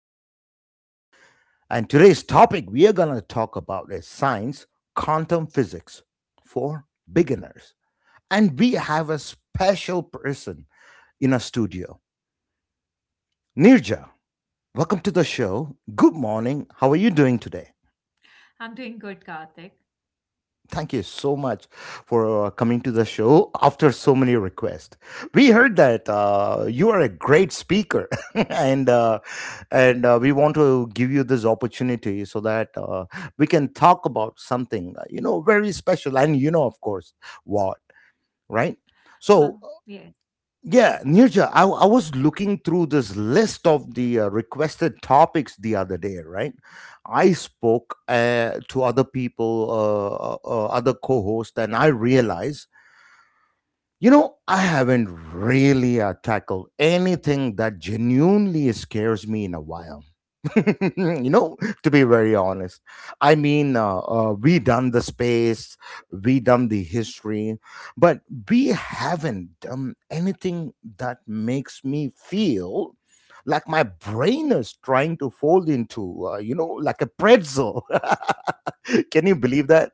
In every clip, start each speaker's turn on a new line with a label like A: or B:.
A: podcast. And today's topic we are going to talk about is science, quantum physics for beginners. And we have a special person in our studio, Nirja. Welcome to the show. Good morning. How are you doing today?
B: I'm doing good, Karthik.
A: Thank you so much for coming to the show after so many requests. We heard that you are a great speaker, and uh, and we want to give you this opportunity so that we can talk about something very special, and of course, what right.
B: Well,
A: So
B: yes.
A: yeah, Nirja, I was looking through this list of the requested topics the other day, right? I spoke to other people, other co hosts, and I realized you know, I haven't really tackled anything that genuinely scares me in a while. You know, to be very honest, I mean, we done the space, we done the history, but we haven't done anything that makes me feel like my brain is trying to fold into, like a pretzel. Can you believe that?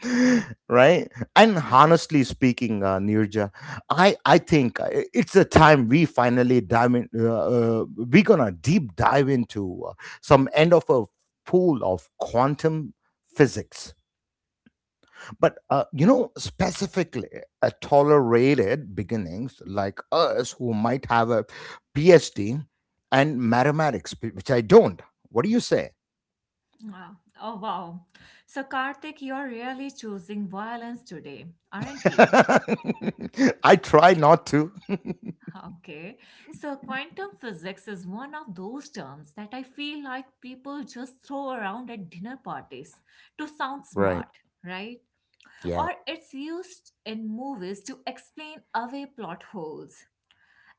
A: Right? And
B: Right.
A: honestly speaking, Nirja, I think it's a time we finally dive in. We're gonna deep dive into some end of a pool of quantum physics but specifically tolerated beginnings like us who might have a phd and mathematics which I don't, what do you say?
B: Wow. Oh, wow. So, Karthik, you're really choosing violence today, aren't you?
A: I try not to.
B: Okay. So, quantum physics is one of those terms that I feel like people just throw around at dinner parties to sound
A: Right.
B: smart, right?
A: Yeah.
B: Or it's used in movies to explain away plot holes.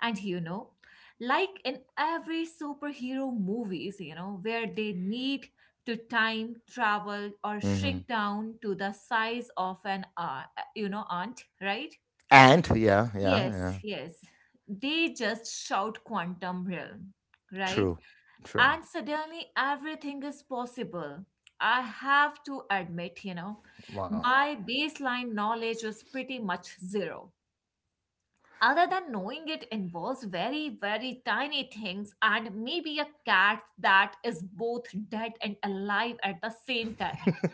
B: And like in every superhero movies, where they need to time travel or
A: Hmm.
B: shrink down to the size of an aunt, right?
A: And yeah, yeah, yeah.
B: Yes, yes. They just shout quantum realm, right?
A: True. True.
B: And suddenly everything is possible. I have to admit,
A: Wow.
B: my baseline knowledge was pretty much zero other than knowing it involves very, very tiny things and maybe a cat that is both dead and alive at the same time.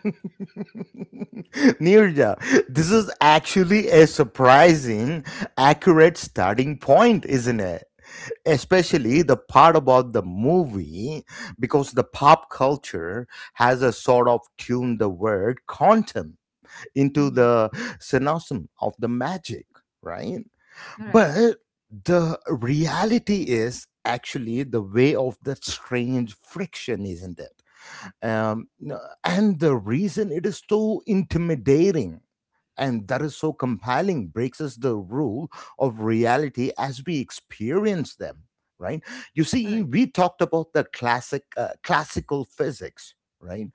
A: Nirja, this is actually a surprising accurate starting point, isn't it? Especially the part about the movie, because the pop culture has a sort of tuned the word content into
B: Mhm.
A: the cynicism of the magic, right?
B: All right.
A: But the reality is actually the way of that strange friction, isn't it? And the reason it is so intimidating and that is so compelling breaks us the rule of reality as we experience them, right? You
B: All
A: see,
B: right.
A: we talked about the classic classical physics, right?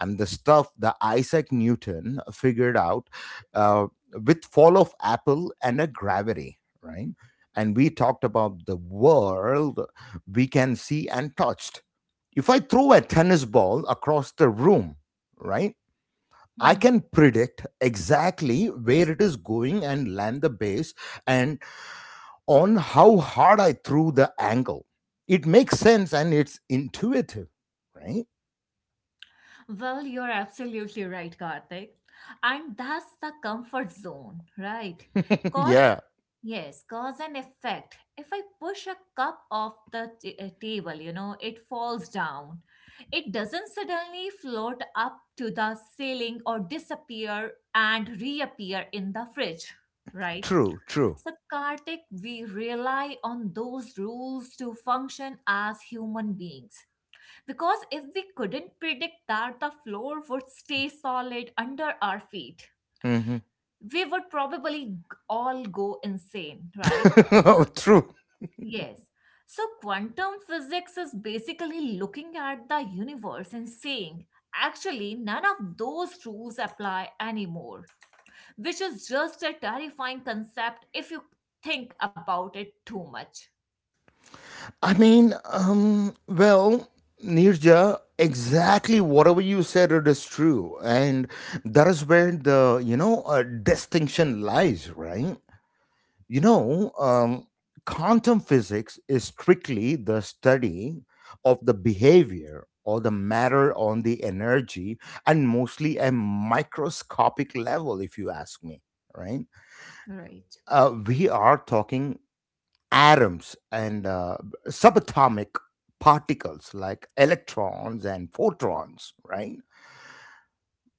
A: And the stuff that Isaac Newton figured out, uh, with fall of apple and a gravity, right? And we talked about the world we can see and touched. If I throw a tennis ball across the room, right, I
B: Mhm.
A: can predict exactly where it is going and land the base and on how hard I threw the angle. It makes sense and it's intuitive, right?
B: Well, you're absolutely right, Karthik. And that's the comfort zone, right? Cause,
A: Yeah,
B: yes, cause and effect. If I push a cup off the table, it falls down. It doesn't suddenly float up to the ceiling or disappear and reappear in the fridge, right?
A: true, true.
B: So, Karthik, we rely on those rules to function as human beings. Because if we couldn't predict that the floor would stay solid under our feet,
A: Hmm.
B: we would probably all go insane, right?
A: Oh, true.
B: Yes. So, quantum physics is basically looking at the universe and saying, actually, none of those rules apply anymore, which is just a terrifying concept if you think about it too much.
A: I mean, well, Nirja, exactly whatever you said, it is true. And that is where the, distinction lies, right? You know, um, quantum physics is strictly the study of the behavior or the matter on the energy and mostly a microscopic level, if you ask me, right?
B: Right.
A: We are talking atoms and subatomic particles like electrons and photons, right?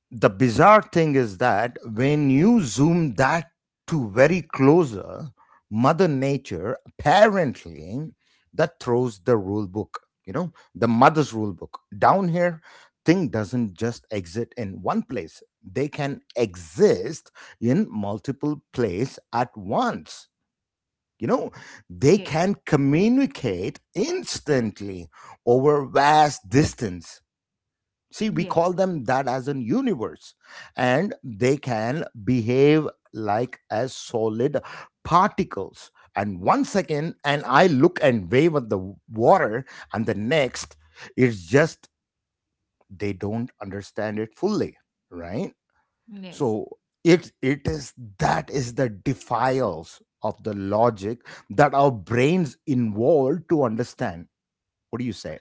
A: The bizarre thing is that when you zoom that to very closer, mother nature apparently that throws the rule book, you know, the mother's rule book down here. Thing doesn't just exist in one place, they can exist in multiple place at once, you know. They
B: Yes.
A: can communicate instantly over vast distance. See, we
B: Yes.
A: call them that as a universe, and they can behave like as solid particles. And one second, and I look and wave at the water, and the next, it's just they don't understand it fully, right?
B: Yes.
A: So it is that is the defiles of the logic that our brains involved to understand. What do you say?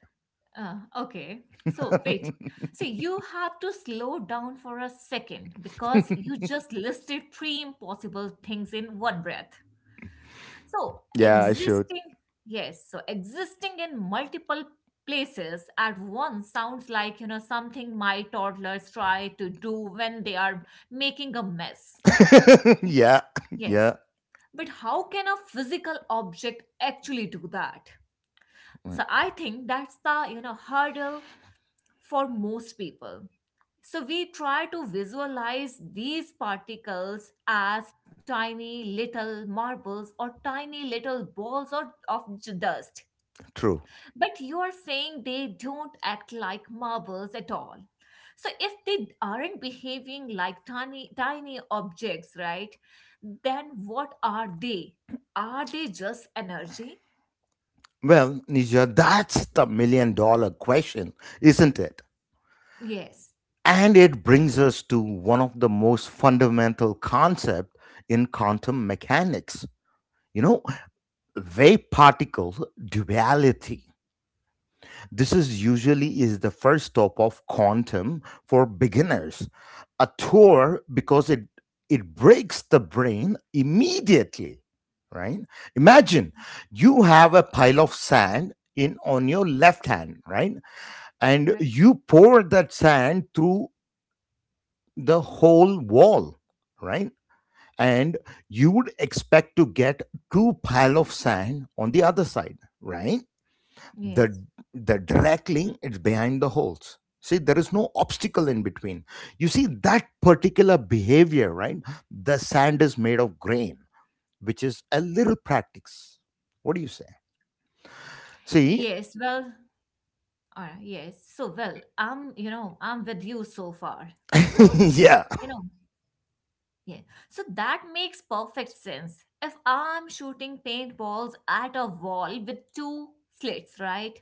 B: Okay. So wait. So you have to slow down for a second because you just listed three impossible things in one breath. So
A: Yeah, I should.
B: existing, yes, so existing in multiple places at once sounds like, something my toddlers try to do when they are making a mess.
A: Yeah, yeah,
B: Yes. But how can a physical object actually do that?
A: mm,
B: So I think that's the, hurdle for most people. So we try to visualize these particles as tiny little marbles or tiny little balls or, dust.
A: true.
B: But you are saying they don't act like marbles at all. So if they aren't behaving like tiny tiny objects, right? Then what are they? Are they just energy?
A: Well, Nija, that's the million dollar question, isn't it?
B: Yes.
A: And it brings us to one of the most fundamental concepts in quantum mechanics. You know, wave particle duality. This is usually is the first stop of quantum for beginners. A tour because it breaks the brain immediately, right? Imagine
B: Mhm.
A: you have a pile of sand in on your left hand, right? And
B: Right.
A: you pour that sand through the whole wall, right? And you would expect to get two pile of sand on the other side, right? the
B: Yes.
A: the directly it's behind the holes, see there is no obstacle in between. You see that particular behavior, right? The sand is made of grain, which is a little practice, what do you say? See,
B: Yes, well, yes. So, well, I'm with you so far. So,
A: yeah,
B: you know, yeah. So that makes perfect sense. If I'm shooting paintballs at a wall with two slits, right,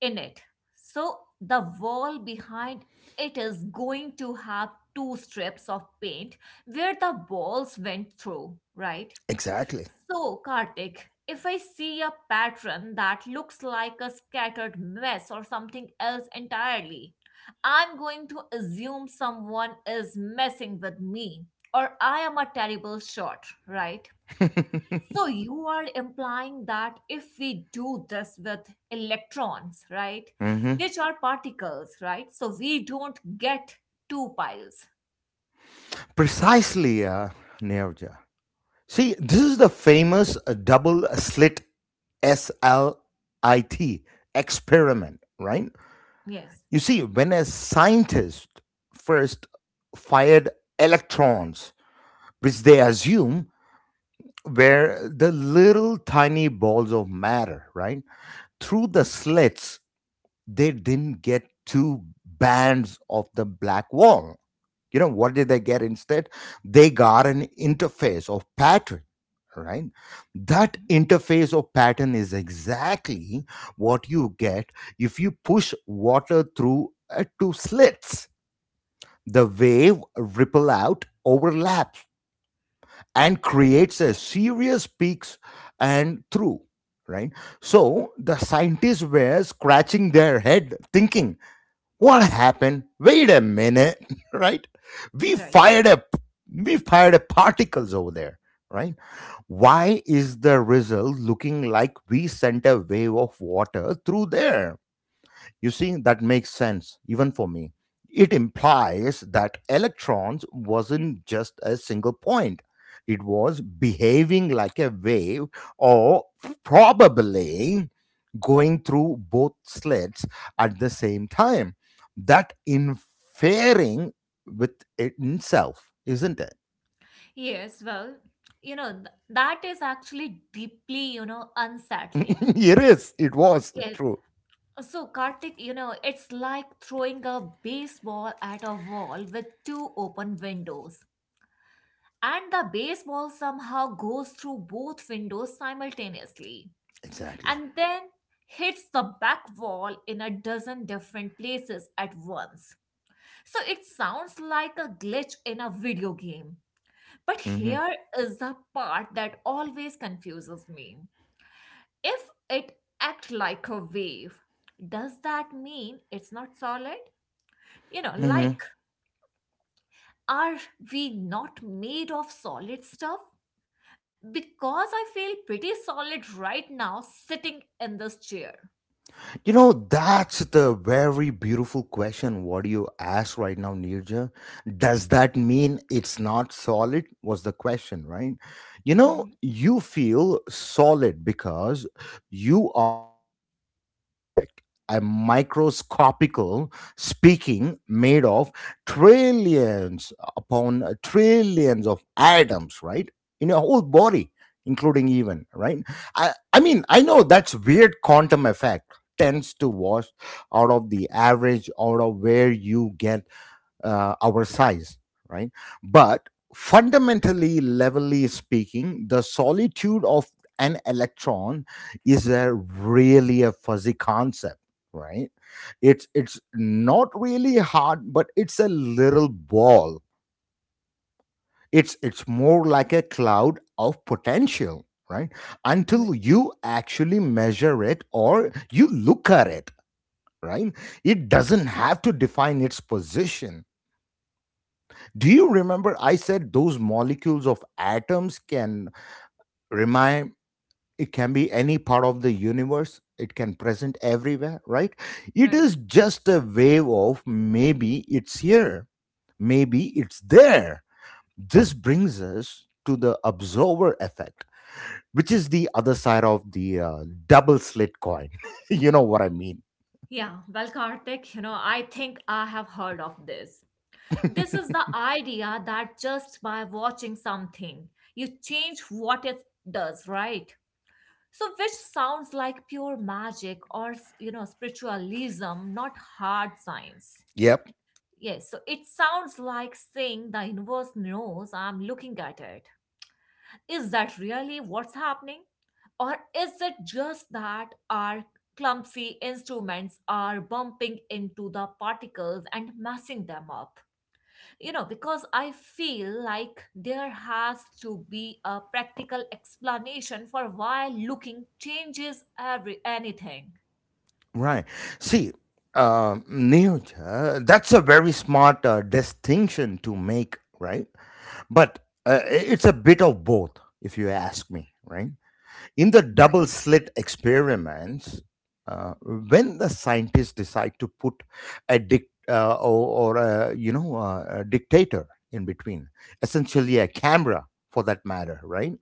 B: in it, so the wall behind it is going to have two strips of paint where the balls went through, right?
A: exactly.
B: So, Kartik, if I see a pattern that looks like a scattered mess or something else entirely, I'm going to assume someone is messing with me or I am a terrible shot, right? So, you are implying that if we do this with electrons, right,
A: Hmm.
B: which are particles, right? So, we don't get two piles.
A: Precisely, Nirja. See, this is the famous double slit SLIT experiment, right?
B: Yes.
A: You see, when a scientist first fired electrons, which they assume were the little tiny balls of matter, right? Through the slits, they didn't get two bands of the black wall. You know what did they get instead? They got an interface of pattern, right? That
B: Mhm.
A: interface of pattern is exactly what you get if you push water through two slits. The wave ripple out overlaps and creates a serious peaks and through, right? So the scientists were scratching their head thinking, what happened? Wait a minute. Right? we
B: Right.
A: fired a we fired a particles over there, right?
B: Yes.
A: Why is the result looking like we sent a wave of water through there? You see, that makes sense, even for me. It implies that electrons wasn't just a single point. It was behaving like a wave or probably going through both slits at the same time. That inferring with it itself, isn't it?
B: Yes, well, that is actually deeply, unsettling.
A: It is. It was
B: Yes.
A: true.
B: So, Karthik, it's like throwing a baseball at a wall with two open windows. And the baseball somehow goes through both windows simultaneously
A: Exactly.
B: and then hits the back wall in a dozen different places at once. So, it sounds like a glitch in a video game. But here is the part that always confuses me. If it act like a wave, does that mean it's not solid? You know,
A: Hmm.
B: like are we not made of solid stuff? Because I feel pretty solid right now sitting in this chair.
A: You know, that's the very beautiful question. What do you ask right now, Nirja? Does that mean it's not solid? Was the question, right? You
B: Hmm.
A: know, you feel solid because you are the mass object, a microscopical speaking made of trillions upon trillions of atoms, right? In your whole body, including even, right? I mean, I know that's weird quantum effect tends to wash out of the average out of where you get our size, right? But fundamentally levelly speaking, the solitude of an electron is a really a fuzzy concept, right? It's not really hard but it's a little ball. It's more like a cloud of potential, right?
B: Right.
A: Until you actually measure it or you look at it, right? It doesn't have to define its position. Do you remember I said those molecules of atoms can remind it can be any part of the universe, it can present everywhere, right? It
B: Right.
A: is just a wave of maybe it's here, maybe it's there. This brings us to the observer effect, which is the other side of the double slit coin. You know what I mean?
B: Yeah, well, Karthik, I think I have heard of this. This is the idea that just by watching something, you change what it does, right? So, which sounds like pure magic or, spiritualism, not hard science.
A: Yep.
B: Yes, so it sounds like saying the universe knows I'm looking at it. Is that really what's happening? Or is it just that our clumsy instruments are bumping into the particles and messing them up? Because I feel like there has to be a practical explanation for why looking changes every anything.
A: Right. See, Neeraj, that's a very smart distinction to make, right? But it's a bit of both, if you ask me, right? In the
B: Right.
A: double slit experiments, when the scientists decide to put a, a dictator in between, essentially a camera for that matter, right?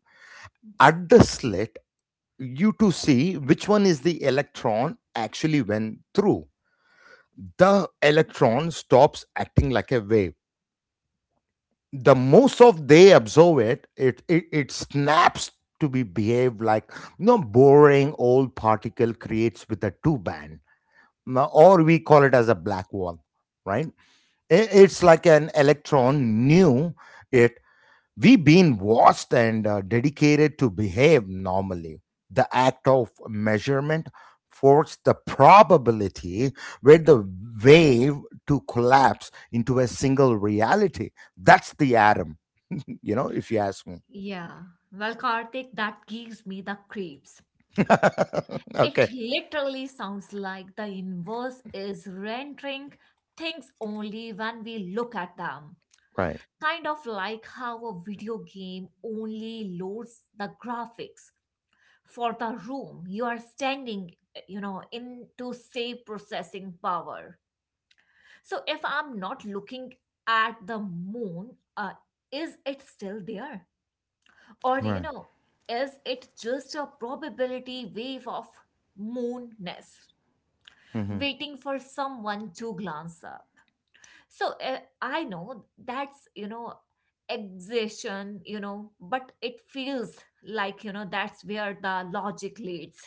A: At the slit, you to see which one is the electron actually went through. The electron stops acting like a wave. The most of they observe it it snaps to be behave like, you know, boring old particle creates with a two band. Now, or we call it as a black hole, right? I- it's like an electron knew it. We've been watched and dedicated to behave normally. The act of measurement forced the probability where the wave to collapse into a single reality. That's the atom, you know, if you ask me.
B: Yeah. Well, Karthik, that gives me the creeps. It
A: Okay.
B: literally sounds like the inverse is rendering things only when we look at them,
A: Right.
B: kind of like how a video game only loads the graphics for the room you are standing into say processing power. So if I'm not looking at the moon, is it still there? Or
A: Right.
B: is it just a probability wave of moonness
A: Mhm.
B: waiting for someone to glance up? So I know that's exhaustion, but it feels like that's where the logic leads.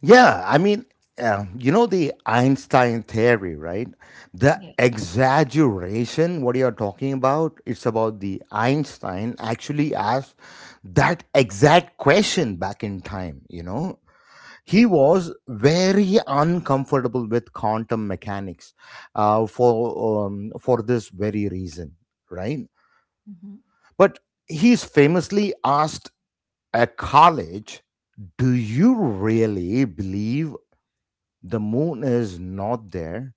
A: Yeah, I mean, you know the Einstein theory, right? The exaggeration, what you're talking about, it's about the Einstein actually asked that exact question back in time, you know? He was very uncomfortable with quantum mechanics for for this very reason, right?
B: Yes.
A: But he's famously asked a college, do you really believe the moon is not there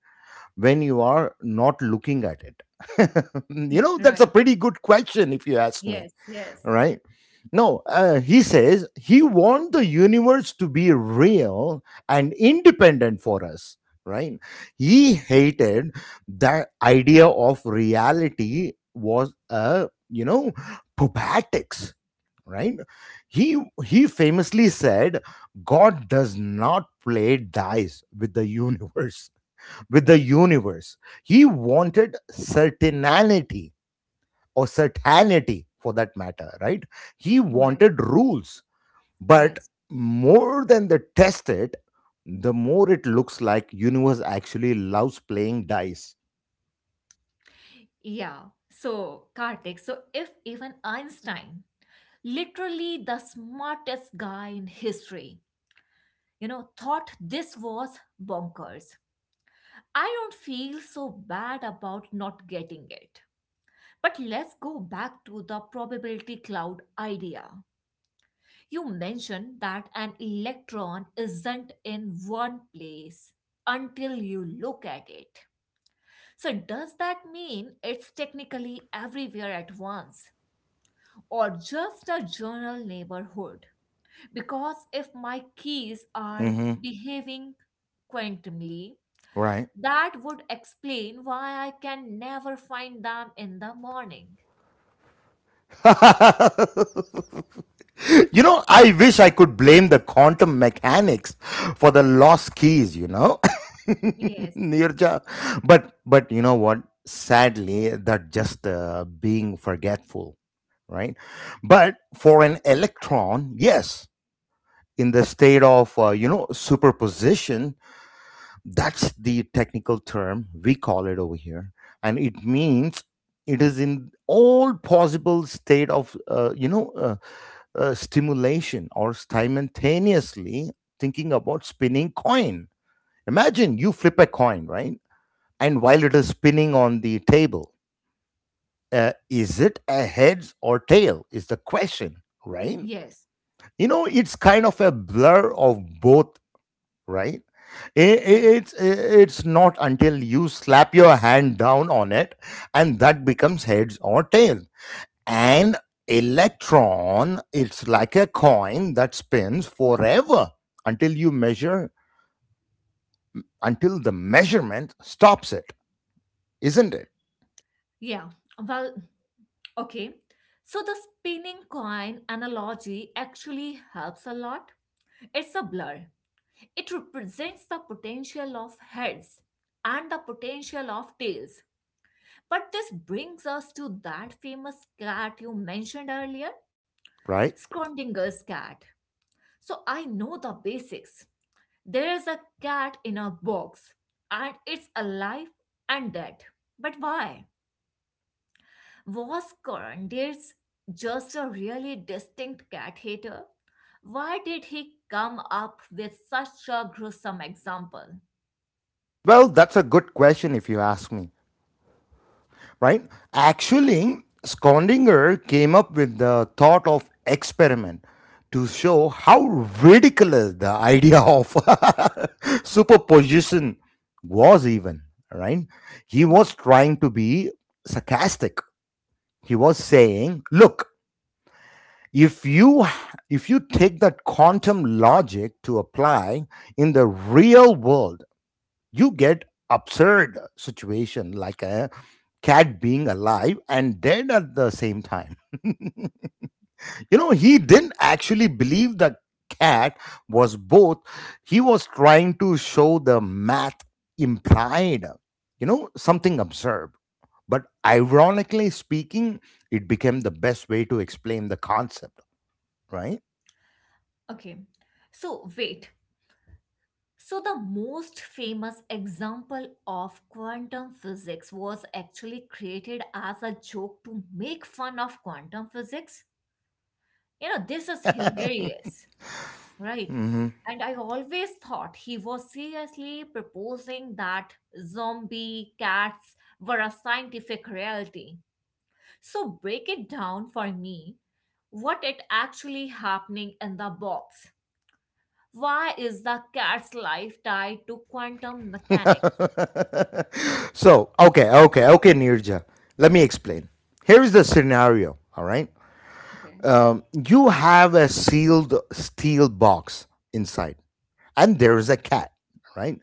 A: when you are not looking at it? You know, that's a
B: Right.
A: pretty good question if you ask me,
B: Yes, yes.
A: right? no He says he wants the universe to be real and independent for us, right? He hated that idea of reality was a, you know, probatics, right? He famously said, god does not play dice with the universe. With the universe. He wanted certainty or certainty for that matter, right? He
B: Right.
A: wanted rules, but
B: Yes.
A: more than the test it, the more it looks like universe actually loves playing dice.
B: Yeah. So, Kartik, so if even Einstein, literally the smartest guy in history, thought this was bonkers, I don't feel so bad about not getting it. But let's go back to the probability cloud idea. You mentioned that an electron isn't in one place until you look at it. So, does that mean it's technically everywhere at once or just a general neighborhood? Because if my keys are
A: Hmm.
B: behaving quantumly,
A: Right.
B: that would explain why I can never find them in the morning.
A: You know, I wish I could blame the quantum mechanics for the lost keys, you know.
B: Yes,
A: Nirja. But you know what? Sadly, that just being forgetful, right? But for an electron, yes, in the state of superposition, that's the technical term we call it over here, and it means it is in all possible state of stimulation or simultaneously thinking about spinning coin. Imagine you flip a coin, right? And while it is spinning on the table, is it a heads or tail is the question, right?
B: yes,
A: It's kind of a blur of both, right? I- i-
B: right.
A: it's it's not until you slap your hand down on it, and that becomes heads or tail. An electron, it's like a coin that spins forever until you measure, until the measurement stops it, isn't it?
B: Yeah, well, okay. So, the spinning coin analogy actually helps a lot. It's a blur. It represents the potential of heads and the potential of tails. But this brings us to that famous cat you mentioned earlier,
A: Right.
B: Schrodinger's cat. So I know the basics. There is a cat in a box and it's alive and dead. But why? Was Schrodinger's just a really distinct cat hater? Why did he come up with such a gruesome example?
A: Well, that's a good question if you ask me, right? Actually, skondinger came up with the thought of experiment to show how ridiculous the idea of superposition was, even, right? He
B: Right.
A: was trying to be sarcastic. He was saying, look, if you if you take that quantum logic to apply in the real world, you get absurd situation like a cat being alive and dead at the same time. He didn't actually believe the cat was both. He was trying to show the math implied something absurd. But ironically speaking, it became the best way to explain the concept, right?
B: Okay, so wait. So, the most famous example of quantum physics was actually created as a joke to make fun of quantum physics? You know, this is hilarious, right?
A: Mhm.
B: And I always thought he was seriously proposing that zombie cats were a scientific reality. So, break it down for me, what it actually happening in the box. Why is the cat's life tied to quantum mechanics?
A: So, okay, okay, okay, Nirja. Let me explain. Here is the scenario, all right?
B: Okay.
A: You have a sealed steel box inside, and there is a cat, right?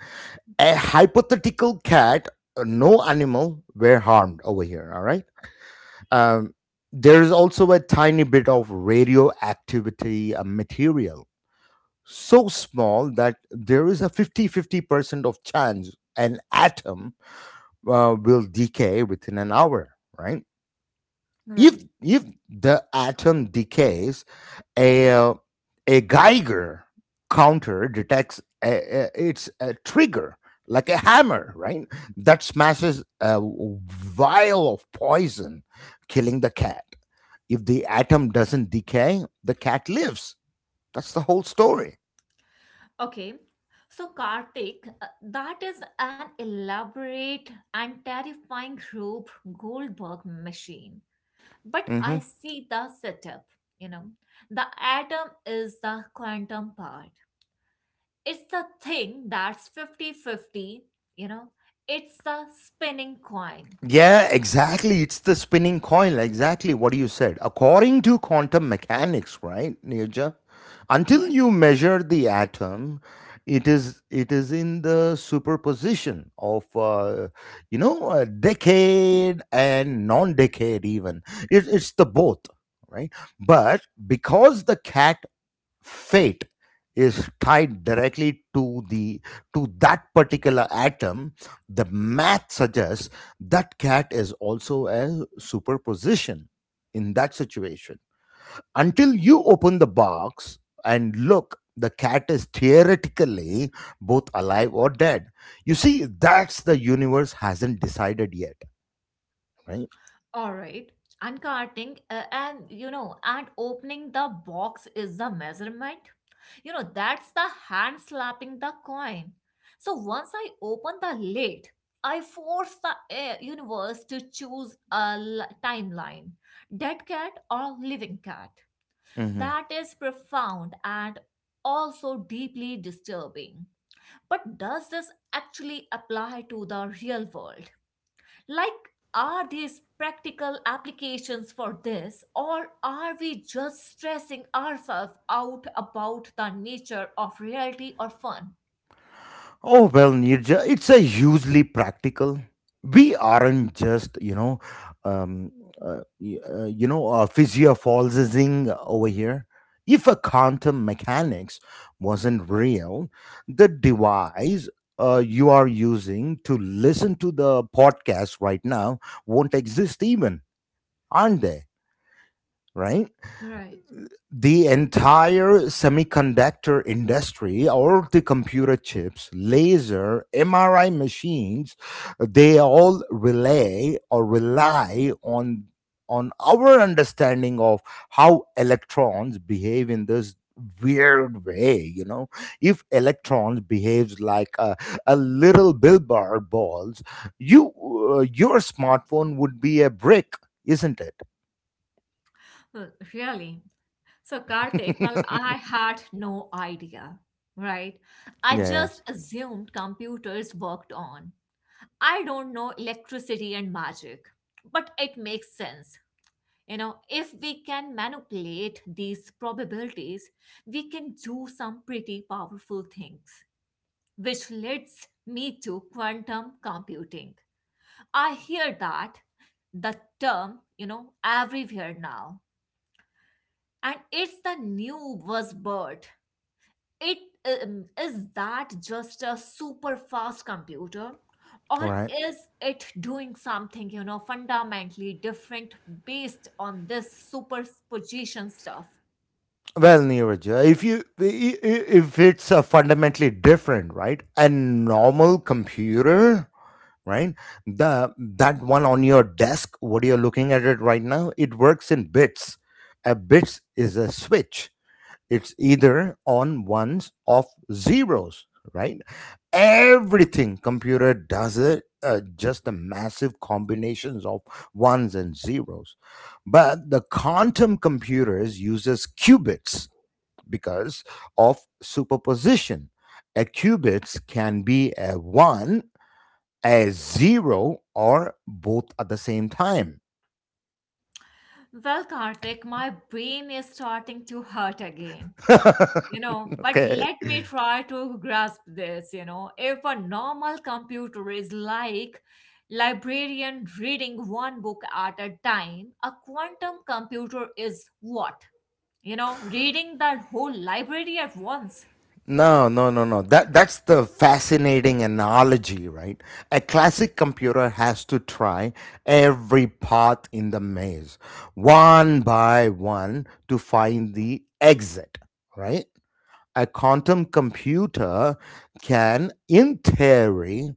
A: A hypothetical cat, no animal were harmed over here, all right? Um, there is also a tiny bit of radioactivity material so small that there is a 50-50% of chance an atom will decay within an hour, right?
B: Right.
A: If the atom decays, a, uh, a Geiger counter detects it's a trigger, like a hammer, right? That smashes a vial of poison, killing the cat. If the atom doesn't decay, the cat lives. That's the whole story.
B: Okay. So, Karthik, that is an elaborate and terrifying group Goldberg machine. But I
A: Hmm.
B: see the setup, you know. The atom is the quantum part. It's the thing that's fifty-fifty. You know. It's the spinning coin.
A: Yeah, exactly. It's the spinning coil. Exactly what you said. According to quantum mechanics, right, Nirja? Until you measure the atom, it is in the superposition of a decade and non-decade even. It's the both, right? But because the cat fate is tied directly to that particular atom, the math suggests that cat is also a superposition in that situation. Until you open the box and look, the cat is theoretically both alive or dead. You see, that's the universe hasn't decided yet, right?
B: All right. Uncarting and and opening the box is the measurement. You know, that's the hand slapping the coin. So once I open the lid, I force the air universe to choose a timeline, dead cat or living cat.
A: Hmm.
B: That is profound and also deeply disturbing. But does this actually apply to the real world? Like, are these practical applications for this, or are we just stressing ourselves out about the nature of reality or fun?
A: Oh, well, Nirja, it's a hugely practical. We aren't just, um, physiophilising over here. If a quantum mechanics wasn't real, the device you are using to listen to the podcast right now won't exist even, aren't they? Right.
B: Right.
A: The entire semiconductor industry or the computer chips, laser MRI machines, they all relay or rely on our understanding of how electrons behave in this weird way. If electrons behaves like a little billboard balls, you your smartphone would be a brick, isn't it?
B: Well, really. So, Karthik, well, I had no idea, right? I
A: Yeah.
B: just assumed computers worked on. I don't know, electricity and magic, but it makes sense. You know, if we can manipulate these probabilities, we can do some pretty powerful things, which leads me to quantum computing. I hear that the term, everywhere now, and it's the new buzzword. It is that just a super fast computer,
A: Yeah.
B: or
A: Right.
B: is it doing something, fundamentally different based on this superposition stuff?
A: Well, Neeraj, if if it's fundamentally different, right? A normal computer, right? The that one on your desk, what you're looking at it right now, it works in bits. A bits is a switch. It's either on ones or zeros, right? Everything computer does it. Just the massive combinations of ones and zeros, but the quantum computers uses qubits because of superposition. A qubits can be a 1, a 0, or both at the same time.
B: Well, Karthik, my brain is starting to hurt again. You
A: Okay.
B: know, but let me try to grasp this. You know, if a normal computer is like librarian reading one book at a time, a quantum computer is what? You know, reading the whole library at once.
A: No, no, no, no. That's the fascinating analogy, right? A classic computer has to try every path in the maze, one by one, to find the exit, right? A quantum computer can, in theory,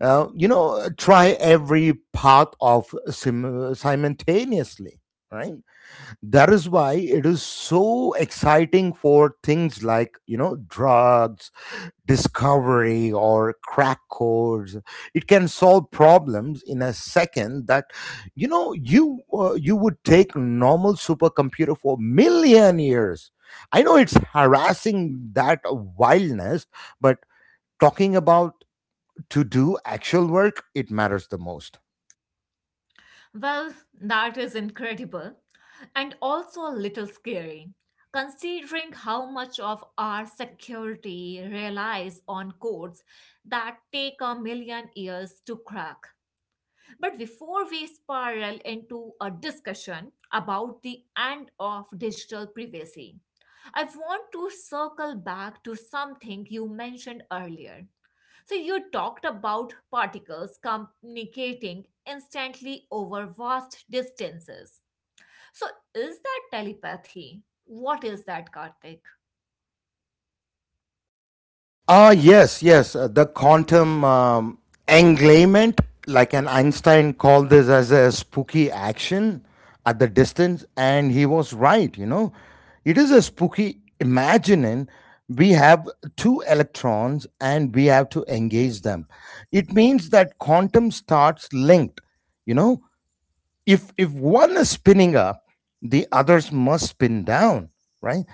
A: try every path of simultaneously, right? That is why it is so exciting for things like drugs discovery or crack codes. It can solve problems in a second that you would take normal supercomputer for million years. I know it's harassing that wildness, but talking about to do actual work, it matters the most.
B: Well, that is incredible and also a little scary, considering how much of our security relies on codes that take a million years to crack. But before we spiral into a discussion about the end of digital privacy, I want to circle back to something you mentioned earlier. So, you talked about particles communicating instantly over vast distances. So, is that telepathy? What is that, Karthik?
A: Ah, yes, yes. The quantum englayment, like an Einstein called this as a spooky action at the distance, and he was right. It is a spooky imagining. We have two electrons, and we have to engage them. It means that quantum starts linked. You know, if one is spinning up, the others must spin down, right?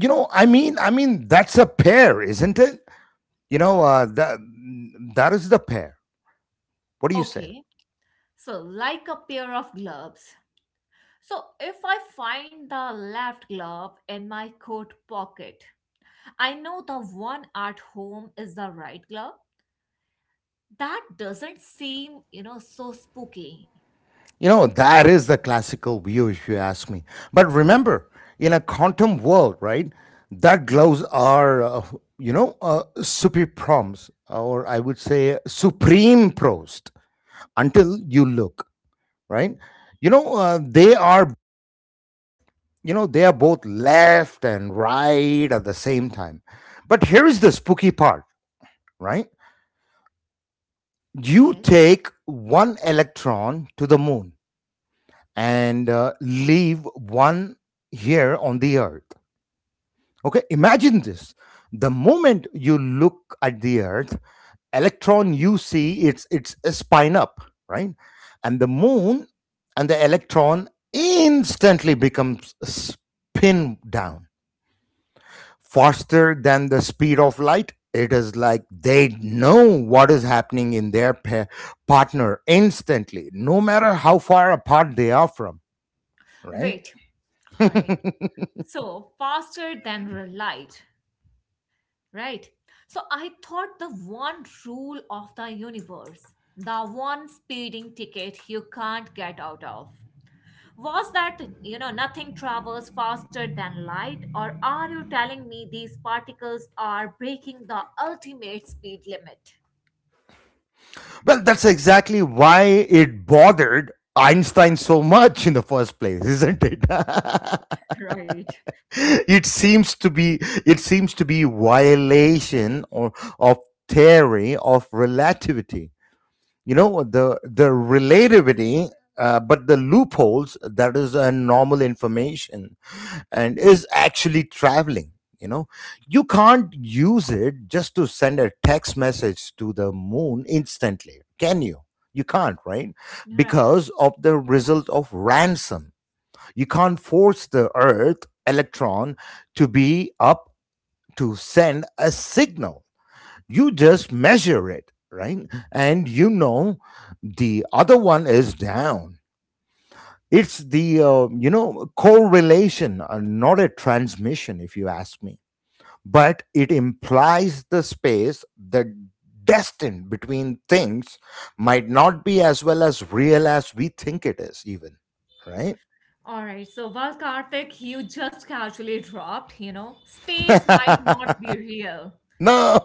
A: I mean that's a pair, isn't it? That that is the pair. What do you say?
B: Okay, so like a pair of gloves. So, if I find the left glove in my coat pocket, I know the one at home is the right glove. That doesn't seem, so spooky,
A: That is the classical view if you ask me. But remember, in a quantum world, right, that
B: right?
A: gloves are, super proms, or I would say supreme prost until you look, right? You know uh, they are you know they are both left and right at the same time. But here is the spooky part, right? You
B: Yes.
A: take one electron to the moon and leave one here on the earth. Okay, imagine this. The moment you look at the earth, electron you see it's a spine up, right? And the moon and the electron instantly becomes spin down faster than the speed of light. It is like they know what is happening in their partner instantly, no matter how far apart they are from, right?
B: Wait. All
A: Well,
B: right. So faster than light, right? So I thought the one rule of the universe, the one speeding ticket you can't get out of. Was that, nothing travels faster than light, or are you telling me these particles are breaking the ultimate speed limit?
A: that's exactly why it bothered Einstein so much in the first place, isn't it?
B: Right.
A: it seems to be it seems to be violation or of theory of relativity. The relativity, but the loopholes, that is a normal information and is actually traveling you know you can't use it just to send a text message to the moon instantly, can you? You can't, right?
B: Right.
A: Because of the result of ransom, you can't force the earth electron to be up to send a signal. You just measure it, right? And the other one is down. It's the correlation, not a transmission if you ask me. But it implies the space that destined between things might not be as well as real as we think it is, even, right?
B: All right. So, while Karthik, you just casually dropped, space might not be real.
A: No,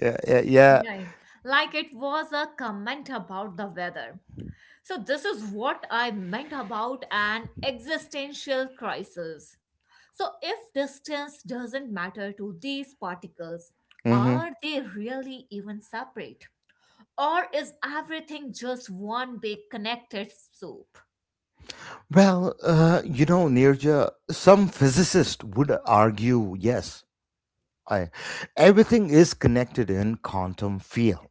A: yeah, yeah, yeah.
B: Right. Like it was a comment about the weather. So, this is what I meant about an existential crisis. So, if distance doesn't matter to these particles,
A: Mm-hmm.
B: are they really even separate? Or is everything just one big connected soup?
A: Well, Nirja, some physicists would argue, yes, I, everything is connected in quantum field,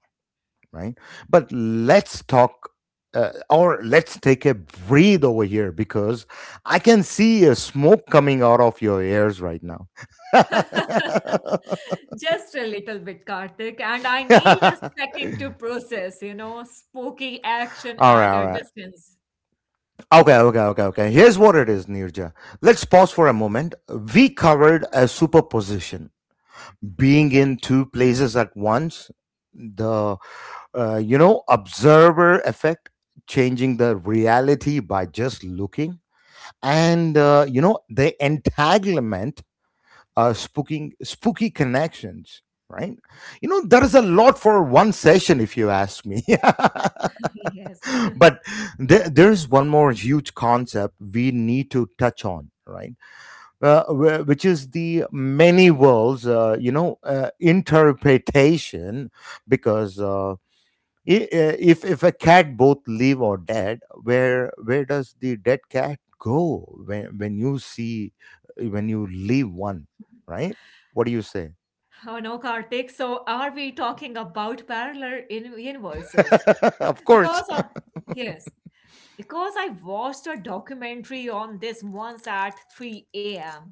A: right? But let's talk, or let's take a breathe over here because I can see a smoke coming out of your ears right now. All
B: Just a little bit, Karthik, and I need a second to process, you know, spooky action
A: right,
B: at
A: all
B: a
A: right.
B: distance.
A: Okay, okay, okay, okay. Here's what it is, Nirja. Let's pause for a moment. We covered a superposition, being in two places at once, the observer effect, changing the reality by just looking, and the entanglement, spooking spooky connections, right? There is a lot for one session if you ask me.
B: Yes.
A: But there is one more huge concept we need to touch on, right? Which is the many worlds, interpretation. Because if a cat both live or dead, where does the dead cat go when when you leave one, right? What do you say?
B: Oh no, Karthik. So are we talking about parallel in universes?
A: Of course,
B: Because yes, because I watched a documentary on this once at 3 a.m.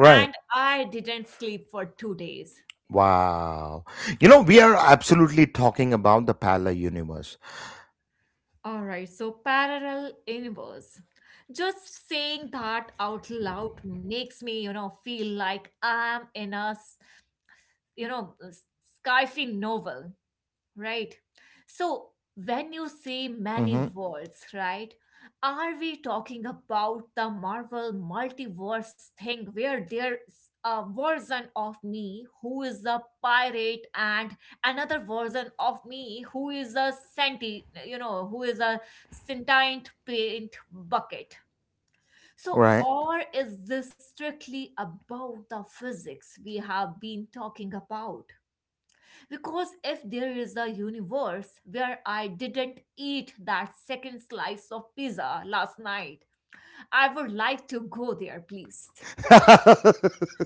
B: and I didn't sleep for 2 days.
A: Wow. We are absolutely talking about the parallel universe.
B: All right, so parallel universe. Just saying that out loud makes me, you know, feel like I'm in you know, a s- sci-fi novel. Right. So when you say many
A: Mm-hmm.
B: worlds, right, are we talking about the Marvel multiverse thing where there's a version of me who is a pirate and another version of me who is a who is a sentient paint bucket? So,
A: Right.
B: or is this strictly about the physics we have been talking about? Because if there is a universe where I didn't eat that second slice of pizza last night, I would like to go there, please.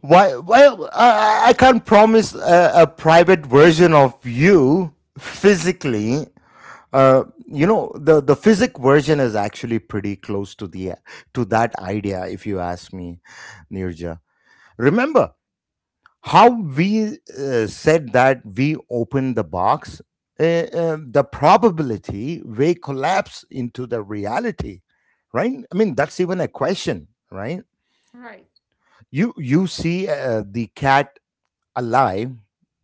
A: Why? Well, I can't promise a private version of you physically. The physic version is actually pretty close to that idea, if you ask me, Nirja. Remember how we said that we open the box. Uh, the probability may collapse into the reality, right? I mean, that's even a question, right?
B: Right,
A: You see, the cat alive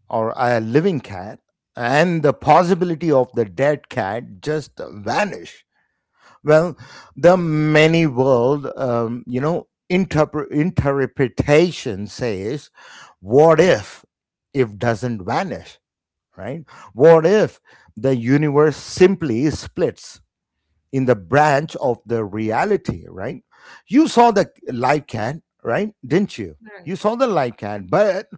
A: or a living cat and the possibility of the dead cat just vanish. Well, the many world interpretation says, what if doesn't vanish, right? What if the universe simply splits in the branch of the reality, right? You saw the live cat, right? Didn't you?
B: right.
A: You saw the live cat, but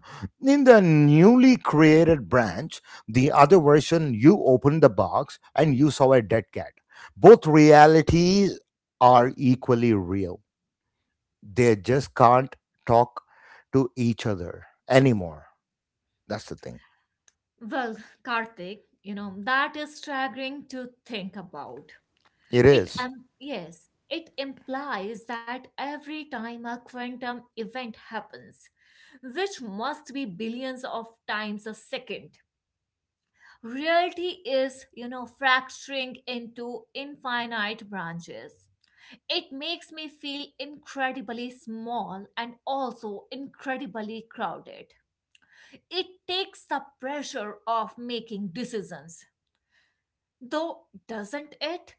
A: in the newly created branch, the other version, you opened the box and you saw a dead cat. Both realities are equally real. They just can't talk to each other anymore. That's the thing.
B: Well, Karthik, you know, that is staggering to think about.
A: It
B: It
A: is.
B: yes, it implies that every time a quantum event happens, which must be billions of times a second, reality is, you know, fracturing into infinite branches. It makes me feel incredibly small and also incredibly crowded. It takes the pressure off making decisions, though, doesn't it?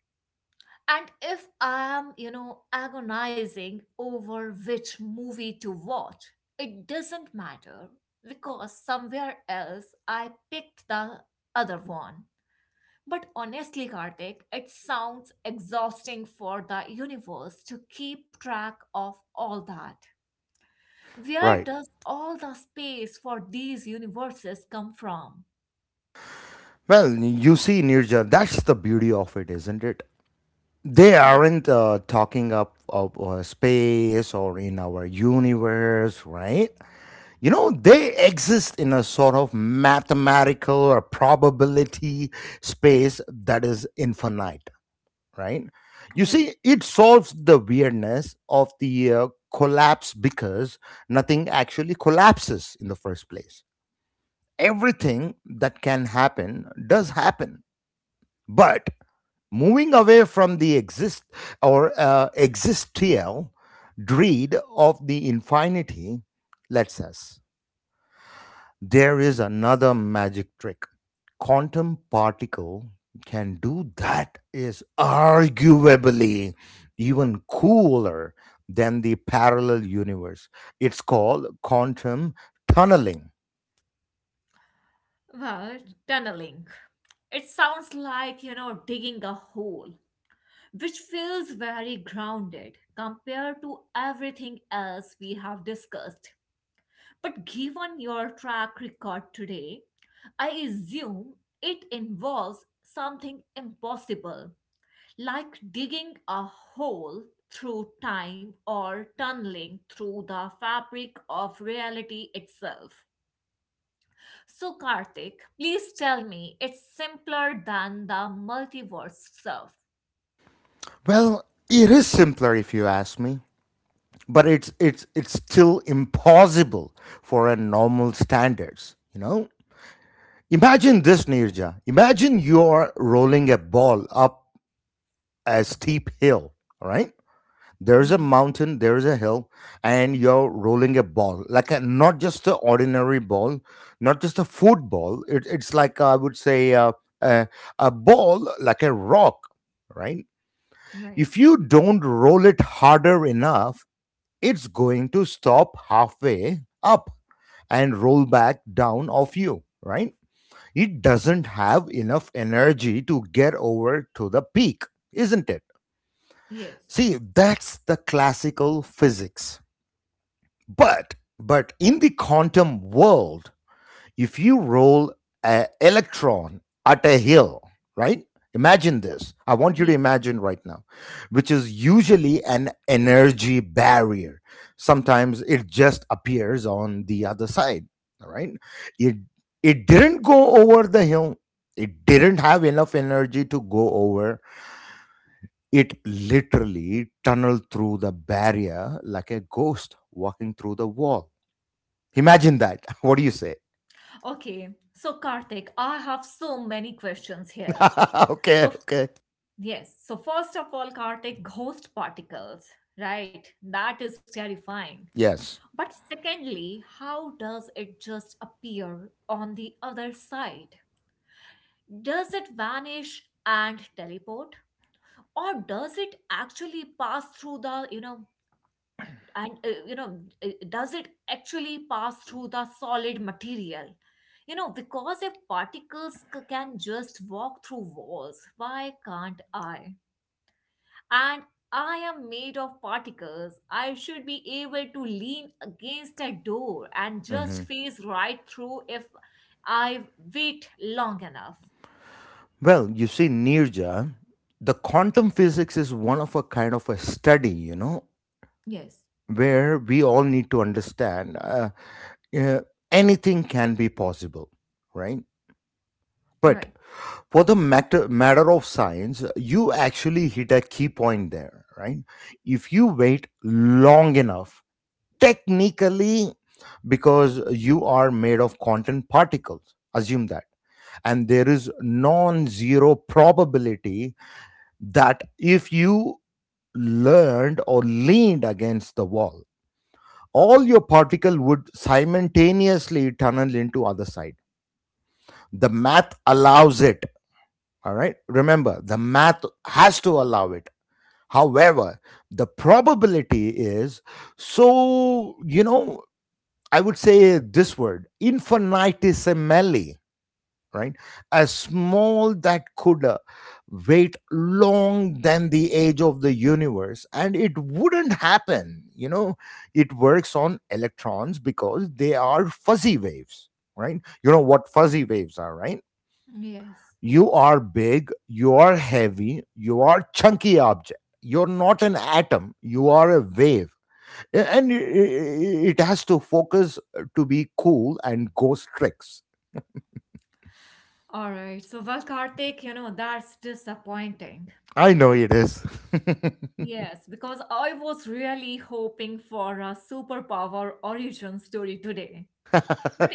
B: And if I am, you know, agonizing over which movie to watch, it doesn't matter because somewhere else I picked the other one. But honestly, Karthik, it sounds exhausting for the universe to keep track of all that. Where
A: Right.
B: does all the space for these universes come from?
A: Well, you see, Nirja, that's the beauty of it, isn't it? They
B: Yeah,
A: aren't talking up of space or in our universe, right? They exist in a sort of mathematical or probability space that is infinite, right? You
B: right.
A: see, it solves the weirdness of the collapse because nothing actually collapses in the first place. Everything that can happen does happen. But moving away from the exist or existential dread of the infinity lets us there is another magic trick quantum particle can do that is arguably even cooler than the parallel universe. It's called quantum tunneling.
B: Well, tunneling. It sounds like, you know, digging a hole, which feels very grounded compared to everything else we have discussed. But given your track record today, I assume it involves something impossible, like digging a hole through time or tunneling through the fabric of reality itself. So, Karthik, please tell me it's simpler than the multiverse stuff.
A: Well, it is simpler if you ask me, but it's still impossible for a normal standards, you know. Imagine this, Nirja. Imagine you're rolling a ball up a steep hill, all right? There's a
B: Yes,
A: mountain, there's a hill, and you're rolling a ball like a, not just an ordinary ball, not just a football, it's like I would say a, a ball like a rock, right?
B: right.
A: If you don't roll it harder enough, it's going to stop halfway up and roll back down off you, right? It doesn't have enough energy to get over to the peak, isn't it?
B: Yes,
A: See, that's the classical physics. But in the quantum world, if you roll an electron at a hill, right? Imagine this. I want you to
B: yes.
A: imagine right now, which is usually an energy barrier. Sometimes it just appears on the other side, all right? It it didn't go over the hill. It didn't have enough energy to go over. It literally tunneled through the barrier like a ghost walking through the wall. Imagine that. What do you say?
B: Okay, so Karthik, I have so many questions here.
A: Okay,
B: So,
A: okay.
B: yes. So first of all, Karthik, ghost particles, right? That is terrifying.
A: Yes.
B: But secondly, how does it just appear on the other side? Does it vanish and teleport? Or does it actually pass through does it actually pass through the solid material? You know, because if particles can just walk through walls, why can't I? And I am made of particles. I should be able to lean against a door and just
A: Mm-hmm.
B: phase right through if I wait long enough.
A: Well, you see, Nirja, the quantum physics is one of a kind of a study, you know,
B: Yes,
A: where we all need to understand uh, anything can be possible, right? But
B: right.
A: for the matter of science, you actually hit a key point there, right? If you wait long enough, technically, because you are made of quantum particles, assume that, and there is non-zero probability that if you learned or leaned against the wall, all your particle would simultaneously tunnel into other side. The math allows it. All right, remember, the math has to allow it. However, the probability is, so, you know, I would say this word, infinitesimally, right? A small that could wait long than the age of the universe, and it wouldn't happen. You know, it works on electrons because they are fuzzy waves, right? You know what fuzzy waves are, right?
B: Yes.
A: You are big, you are heavy, you are chunky object. You're not an atom, you are a wave, yeah, and it has to focus to be cool and ghost tricks.
B: All right. So, well, Karthik, you know, that's disappointing.
A: I know it is.
B: Yes, because I was really hoping for a superpower origin story today. But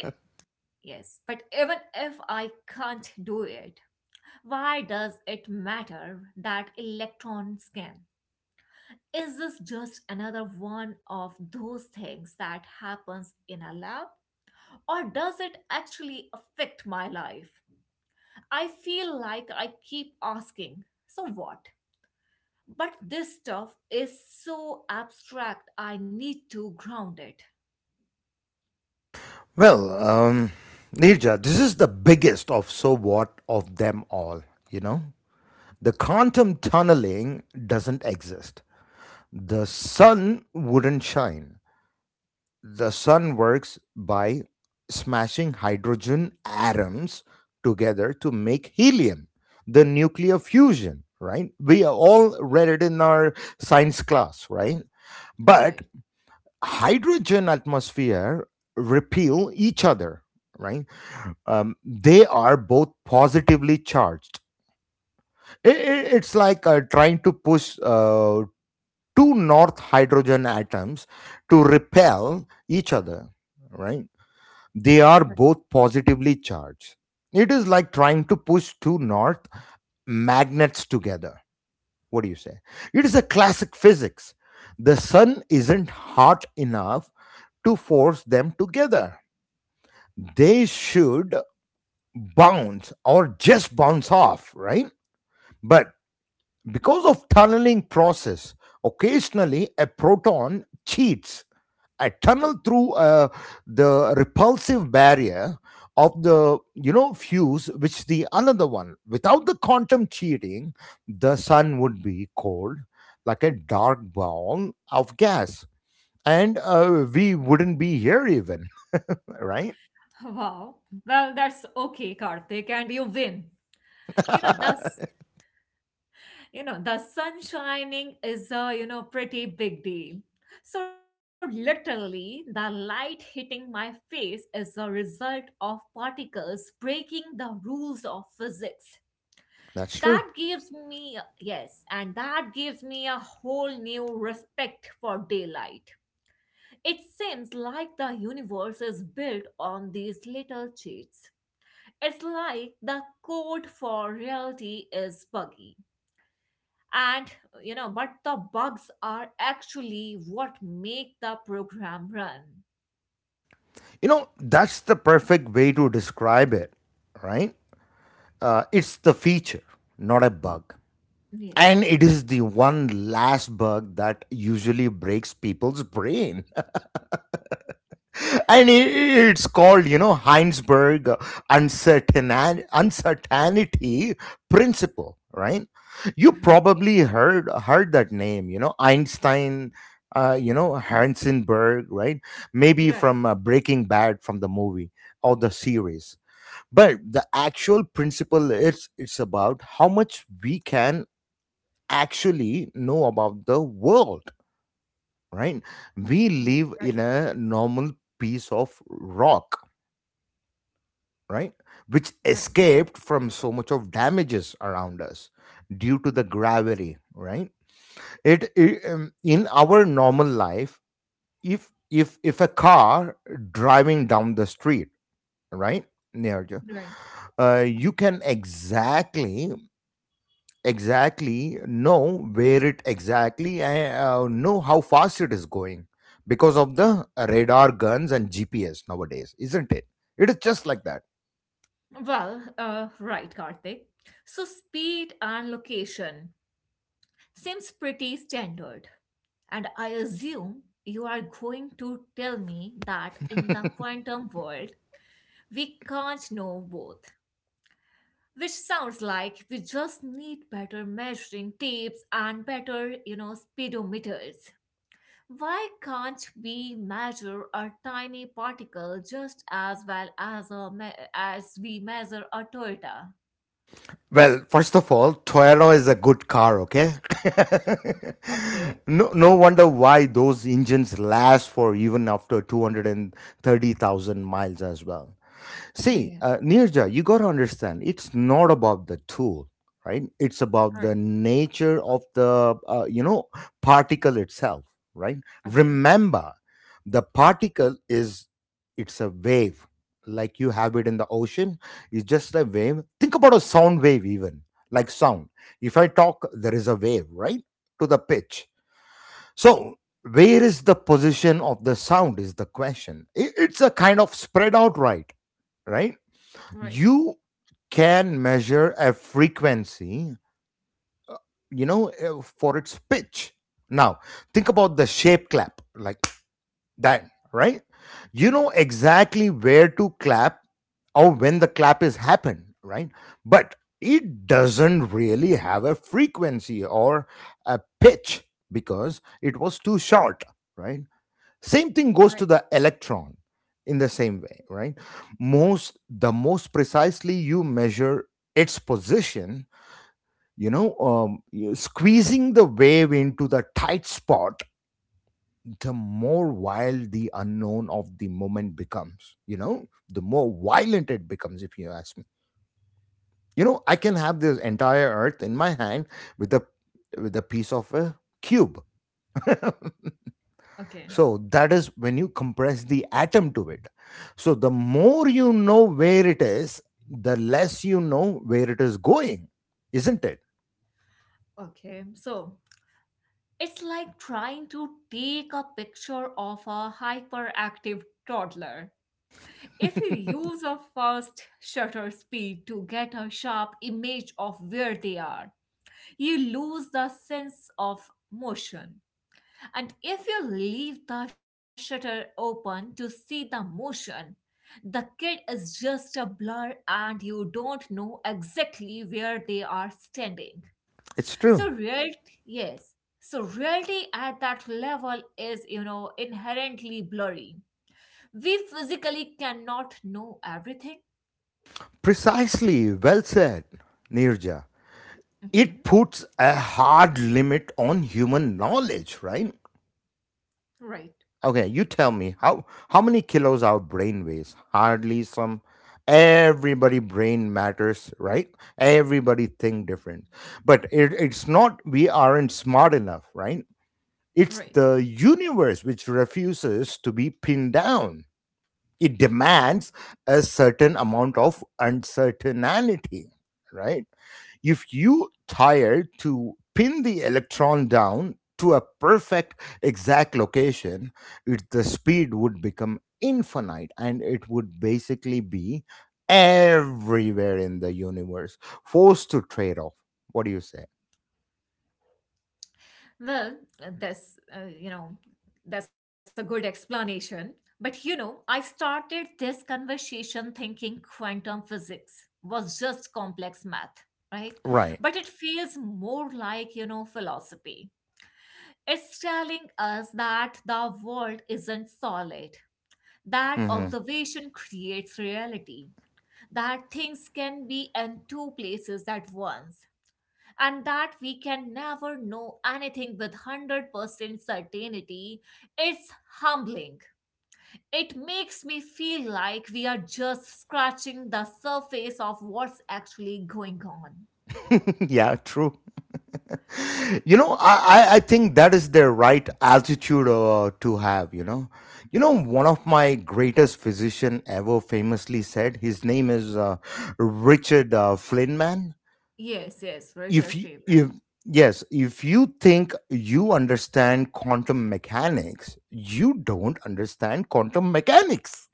B: yes, but even if I can't do it, why does it matter that electron scan? Is this just another one of those things that happens in a lab? Or does it actually affect my life? I feel like I keep asking, so what? But this stuff is so abstract, I need to ground it.
A: Well, Nirja, this is the biggest of so what of them all, you know? The quantum tunneling doesn't exist. The sun wouldn't shine. The sun works by smashing hydrogen atoms together to make helium, the nuclear fusion, right? We are all read it in our science class, right? But
B: Right.
A: hydrogen atmosphere repel each other, right? They are both positively charged. It's like trying to push two north hydrogen atoms to repel each other, right? They are both positively charged. It is like trying to push two north magnets together. What do you say? It is a classic physics. The sun isn't hot enough to force them together. They should bounce or just bounce off, right? But because of tunneling process, occasionally a proton cheats. I tunnel through the repulsive barrier of the, you know, fuse which the another one. Without the quantum cheating, the sun would be cold, like a dark ball of gas, and we wouldn't be here even. Right.
B: Wow. Well, that's okay, Karthik, and you win. The you know the sun shining is a you know pretty big deal so literally the light hitting my face is a result of particles breaking the rules of physics
A: That's true.
B: that gives me yes and that gives me a whole new respect for daylight it seems like the universe is built on these little cheats it's like the code for reality is buggy and you know but the bugs are actually what make the program run
A: You know, that's the perfect way to describe it, right? It's the feature, not a bug.
B: yes
A: And it is the one last bug that usually breaks people's brain. And it's called, you know, Heinsberg uncertain uncertainty principle, right? You
B: okay
A: probably heard that name, you know, Einstein, you know, Heisenberg, right? Maybe
B: right
A: from Breaking Bad, from the movie or the series. But the actual principle is it's about how much we can actually know about the world, right? We live
B: right
A: in a normal piece of rock, right? Which
B: right
A: escaped from so much of damages around us due to the gravity, right? It In our normal life, if if a car driving down the street, right, near you,
B: right
A: you can exactly know where it exactly and know how fast it is going because of the radar guns and GPS nowadays, isn't it? It is just like that.
B: right Karthik so speed and location seems pretty standard and I assume you are going to tell me that in the quantum world we can't know both which sounds like we just need better measuring tapes and better you know speedometers. Why can't we measure a tiny particle just as well as a as we measure a Toyota?
A: Well, first of all, Toyota is a good car, okay?
B: Okay.
A: No, no wonder why those engines last for even after 230,000 miles as well. See,
B: Yeah.
A: Nirja, you got to understand, it's not about the tool, right? It's about
B: All right.
A: the nature of the, you know, particle itself, right?
B: Okay.
A: Remember, the particle is, it's a wave, like you have it in the ocean. It's just a wave. Think about a sound wave, even like sound. If I talk, there is a wave, right? To the pitch. So, where is the position of the sound is the question. I- It's a kind of spread out, right? right?
B: Right.
A: You can measure a frequency, you know, for its pitch. Now, think about the shape clap like that, right? You know
B: Yes.
A: exactly where to clap or when the clap is happened, right? But it doesn't really have a frequency or a pitch because it was too short, right? Same thing goes to
B: Right.
A: the electron in the same way, right? Most the most precisely you measure its position, you know, you- squeezing the wave into the tight spot, the more wild the unknown of the moment becomes, you know, the more violent it becomes, if you ask me. You know, I can have this entire earth in my hand with a with a piece of a cube.
B: Okay.
A: So that is when you compress the atom to it. So the more you know where it is, the less you know where it is going, isn't it?
B: Okay. So, it's like trying to take a picture of a hyperactive toddler. If you use a fast shutter speed to get a sharp image of where they are, you lose the sense of motion. And if you leave the shutter open to see the motion, the kid is just a blur and you don't know exactly where they are standing.
A: It's
B: So
A: true.
B: real yes. So reality at that level is, you know, inherently blurry. We physically cannot know everything.
A: Precisely. Well said, Nirja.
B: Okay.
A: It puts a hard limit on human knowledge, right?
B: Right.
A: Okay, you tell me, how many kilos our brain weighs? Hardly some. Everybody brain matters, right? Everybody think different, but it's not we aren't smart enough, right? It's
B: Right.
A: the universe which refuses to be pinned down. It demands a certain amount of uncertainty, right? If you tire to pin the electron down to a perfect exact location, it, the speed would become infinite and it would basically be everywhere in the universe, forced to trade off. What do you say?
B: Well, that's, you know, that's a good explanation. But you know, I started this conversation thinking quantum physics was just complex math, right? But
A: Right.
B: it feels more like, you know, philosophy. It's telling us that the world isn't solid, that
A: Hmm.
B: observation creates reality, that things can be in two places at once and that we can never know anything with 100% certainty, it's humbling. It makes me feel like we are just scratching the surface of what's actually going on.
A: Yeah, true. You know, I think that is their right altitude to have, you know. You know, one of my greatest physician ever famously said, his name is Richard Feynman.
B: Yes, yes,
A: If
B: Richard
A: you, if,
B: Feynman.
A: yes, if you think you understand quantum mechanics, you don't understand quantum mechanics.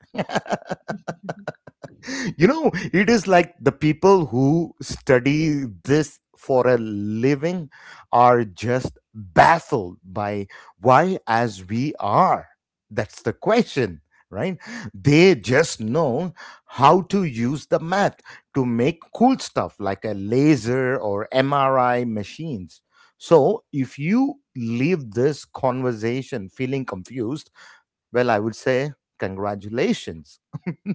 A: You know, it is like the people who study this for a living are just baffled by why as we are. That's the question, right? They just know how to use the math to make cool stuff like a laser or MRI machines. So if you leave this conversation feeling confused, well, I would say congratulations.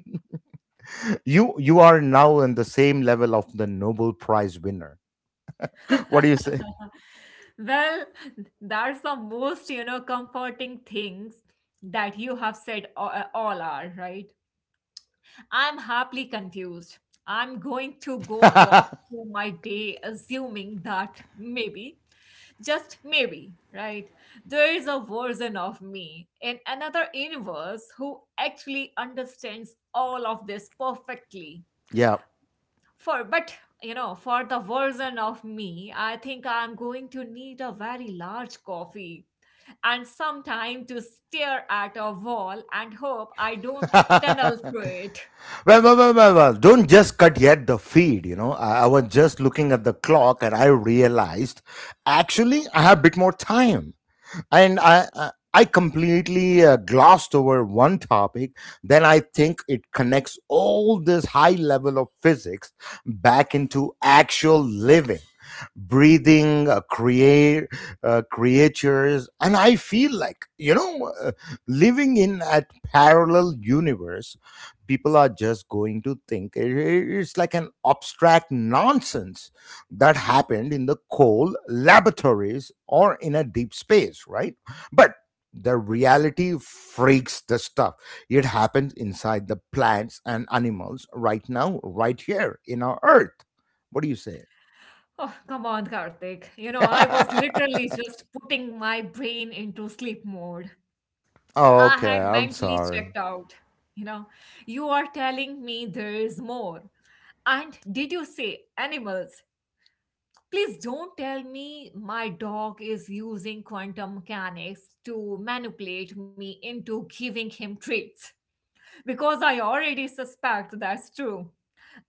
A: You are now on the same level of the Nobel Prize winner. What do you say?
B: Well, that's the most, you know, comforting things that you have said all are, right? I'm happily confused. I'm going to go walk through my day assuming that maybe, just maybe, right? There is a version of me in another universe who actually understands all of this perfectly.
A: Yeah.
B: For but you know, for the version of me, I think I'm going to need a very large coffee and some time to stare at a wall and hope I don't tunnel
A: well,
B: through it.
A: well, don't just cut yet the feed. You know, I was just looking at the clock and I realized actually I have a bit more time. And I completely glossed over one topic. Then I think it connects all this high level of physics back into actual living, breathing, create creatures, and I feel like, you know, living in a parallel universe, people are just going to think it's like an abstract nonsense that happened in the coal laboratories or in a deep space, right? But the reality freaks the stuff. It happens inside the plants and animals right now, right here in our earth. What do you say?
B: Oh, come on, Karthik. You know, I was literally just putting my brain into sleep mode. I
A: Okay,
B: had
A: I'm
B: mentally
A: sorry.
B: checked out. You know, you are telling me there is more. And did you say animals? Please don't tell me my dog is using quantum mechanics to manipulate me into giving him treats. Because I already suspect that's true.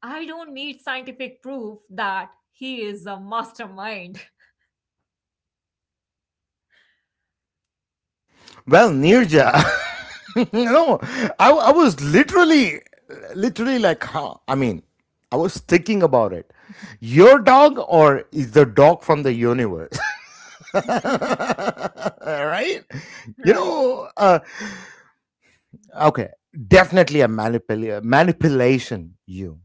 B: I don't need scientific proof that he is a mastermind.
A: Well, Nirja, no, I was literally like, huh? I mean, I was thinking about it. Your dog, or is the dog from the universe? Right? You
B: Right.
A: know, okay, definitely a manipula- manipulation, you,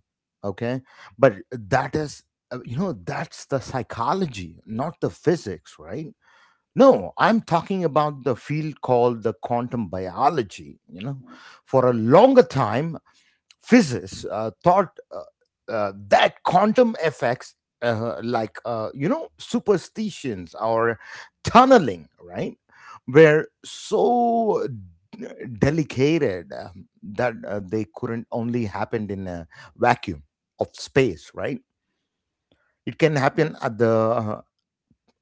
A: okay? But that is, you know, that's the psychology, not the physics, right? No, I'm talking about the field called the quantum biology. You know, for a longer time, physicists thought that quantum effects, like you know, superstitions or tunneling, right, were so d- delicated that they couldn't only happen in a vacuum of space, right? It can happen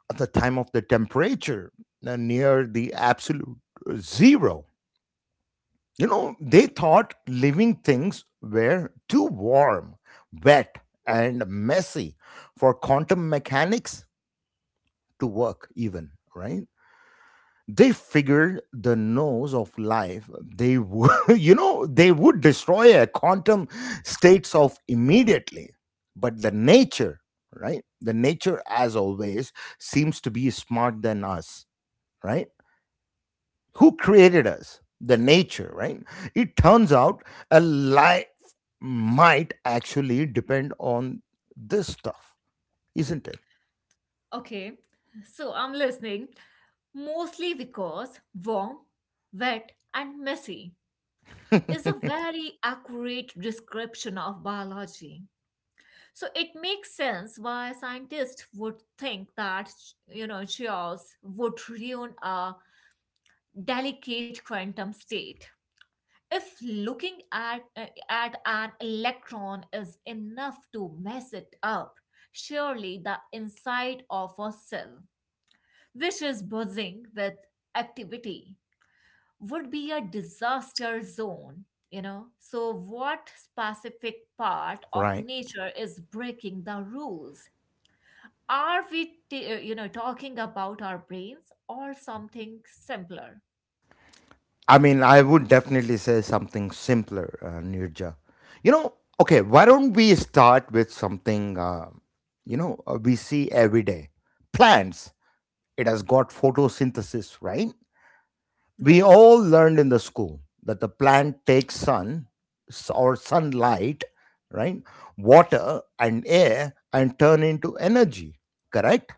A: at the time of the temperature near the absolute zero. You know, they thought living things were too warm, wet, and messy for quantum mechanics to work, even, right? They figured the nose of life, they would, you know, they would destroy a quantum states of immediately. But the nature, right? The nature, as always, seems to be smart than us, right? Who created us? The nature, right? It turns out a life might actually depend on this stuff, isn't
B: Okay, so I'm listening mostly because warm, wet, and messy is a
A: it?
B: very accurate description of biology. So it makes sense why scientists would think that, you know, chaos would ruin a delicate quantum state. If looking at, at an electron is enough to mess it up, surely the inside of a cell which is buzzing with activity, would be a disaster zone, you know? So, what specific part of
A: Right,
B: nature is breaking the rules? Are we, you know, talking about our brains or something simpler?
A: I mean I would definitely say something simpler, Nirja. you know okay, why don't we start with something we see every day? Plants, it has got photosynthesis, right? We
B: Right.
A: all learned in the school that the plant takes sun or sunlight, right? Water and air and turn into energy, correct?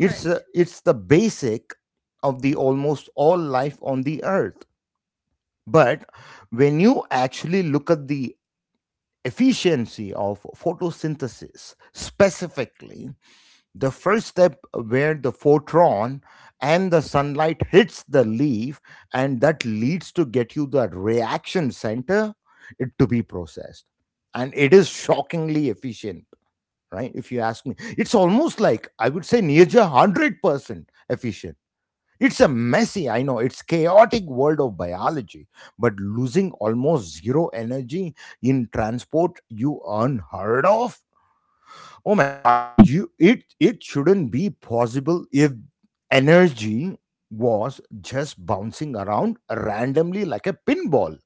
A: It's a, it's the basic of the almost all life on the earth. But when you actually look at the efficiency of photosynthesis, specifically the first step where the photron and the sunlight hits the leaf and that leads to get you the reaction center it to be processed. And it is shockingly efficient, right? If you ask me, it's almost like I would say near 100% efficient. It's a messy, I know, it's chaotic world of biology, but losing almost zero energy in transport you unheard of. Oh my god, you it it shouldn't be possible if energy was just bouncing around randomly like a pinball,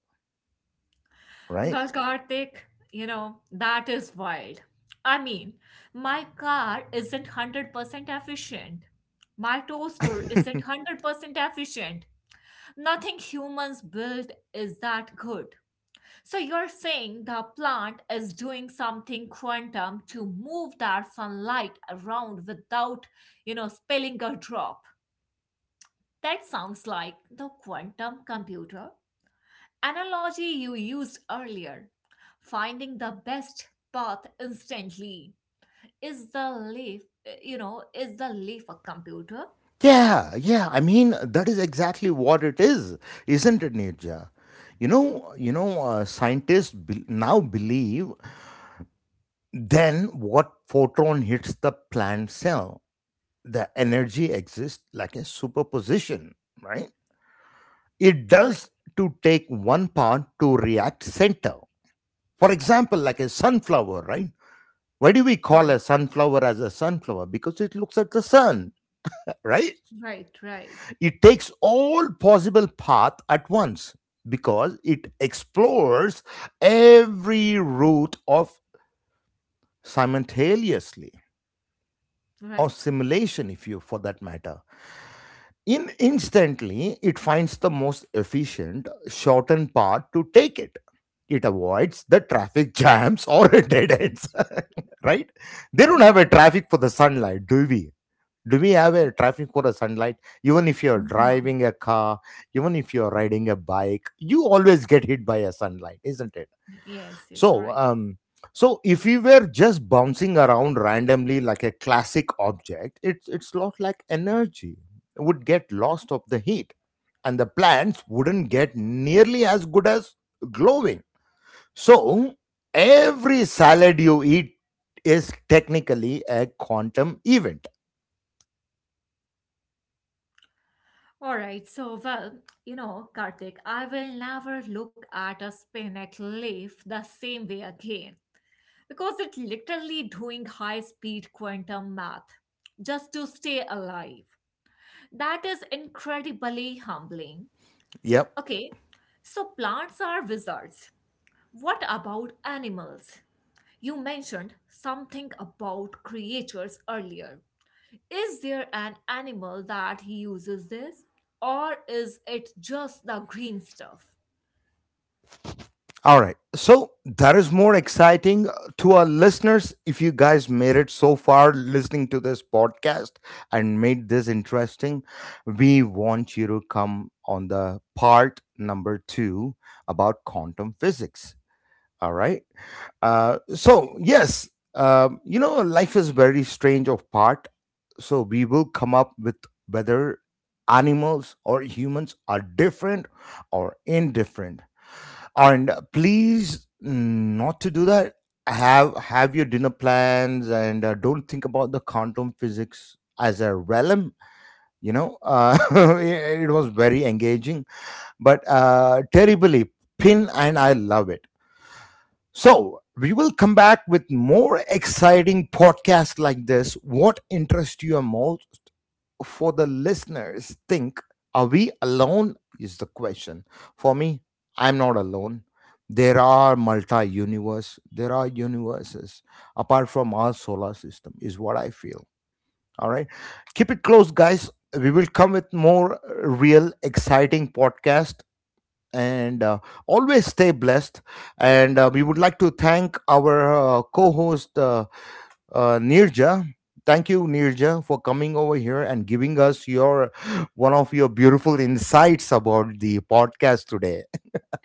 A: right?
B: Well, Karthik, you know, that is wild. I mean, my car isn't 100% efficient. My toaster isn't 100% efficient. Nothing humans build is that good. So you're saying the plant is doing something quantum to move that sunlight around without, you know, spilling a drop. That sounds like the quantum computer analogy you used earlier. Finding the best path instantly. Is the leaf, you know, is the leaf a computer?
A: Yeah, yeah. I mean, that is exactly what it is, isn't it, Nirja? Scientists now believe then what photon hits the plant cell, the energy exists like a superposition, right? It
B: Right,
A: does to take one part to react center. For example, like a sunflower, right? Why do we call
B: right,
A: a sunflower as a sunflower? Because it looks at the sun, right?
B: right, right,
A: It takes all possible path at once because it explores every route of simultaneously or
B: right,
A: simulation, if you for that matter. In instantly it finds the most efficient shortened path to take it. It avoids the traffic jams or dead ends. Right, they don't have
B: right.
A: a traffic for the sunlight, do we? Do we have a traffic for the sunlight, even if you're
B: No.
A: driving a car, even if you're riding a bike? You always get hit by a sunlight, isn't it?
B: Yes, yes,
A: so,
B: right.
A: um, so if we were just bouncing around randomly like a classic object, it's lot like energy would get lost of the heat, and the plants wouldn't get nearly as good as glowing. So every salad you eat is technically a quantum event.
B: All right. So, well, you know, Karthik, I will never look at a spinach leaf the same way again because it's literally doing high speed quantum math just to stay alive. That is incredibly humbling.
A: Yep.
B: Okay. So, plants are wizards. What about animals? You mentioned something about creatures earlier. Is there an animal that uses this, or is it just the green stuff?
A: All right. So that is more exciting to our listeners. If you guys made it so far listening to this podcast and made this interesting, we want you to come on the part number two about quantum physics. All right. So, yes, you know, life is very strange of part. So, we will come up with whether animals or humans are different or indifferent and please not to do that, have your dinner plans and don't think about the quantum physics as a realm. you know uh, it was very engaging, but terribly pin and I love it. So we will come back with more exciting podcasts like this. What interests you more? For the listeners think, are we alone? Is the question. For me, I'm not alone. There are multi universe, there are universes apart from our solar system is what I feel. All right, keep it close guys, we will come with more real exciting podcast, and always stay blessed. And we would like to thank our co-host, Nirja. Thank you, Nirja, for coming over here and giving us your one of your beautiful insights about the podcast today.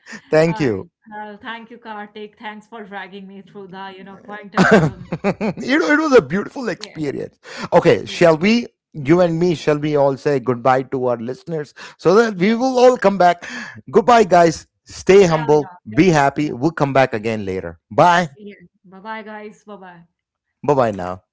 A: Thank
B: All right.
A: you.
B: Well, thank you, Karthik. Thanks for dragging me through the, you know, quantum realm.
A: it,
B: Yeah.
A: it was a beautiful
B: Yes.
A: experience. Okay,
B: Yes.
A: shall we, you and me, shall we all say goodbye to our listeners so that we
B: Yes.
A: will all come back? Goodbye, guys. Stay
B: Yeah.
A: humble,
B: Yeah.
A: be
B: Yeah.
A: happy. We'll come back again later. Bye.
B: Yeah. Bye bye, guys. Bye bye.
A: Bye bye now.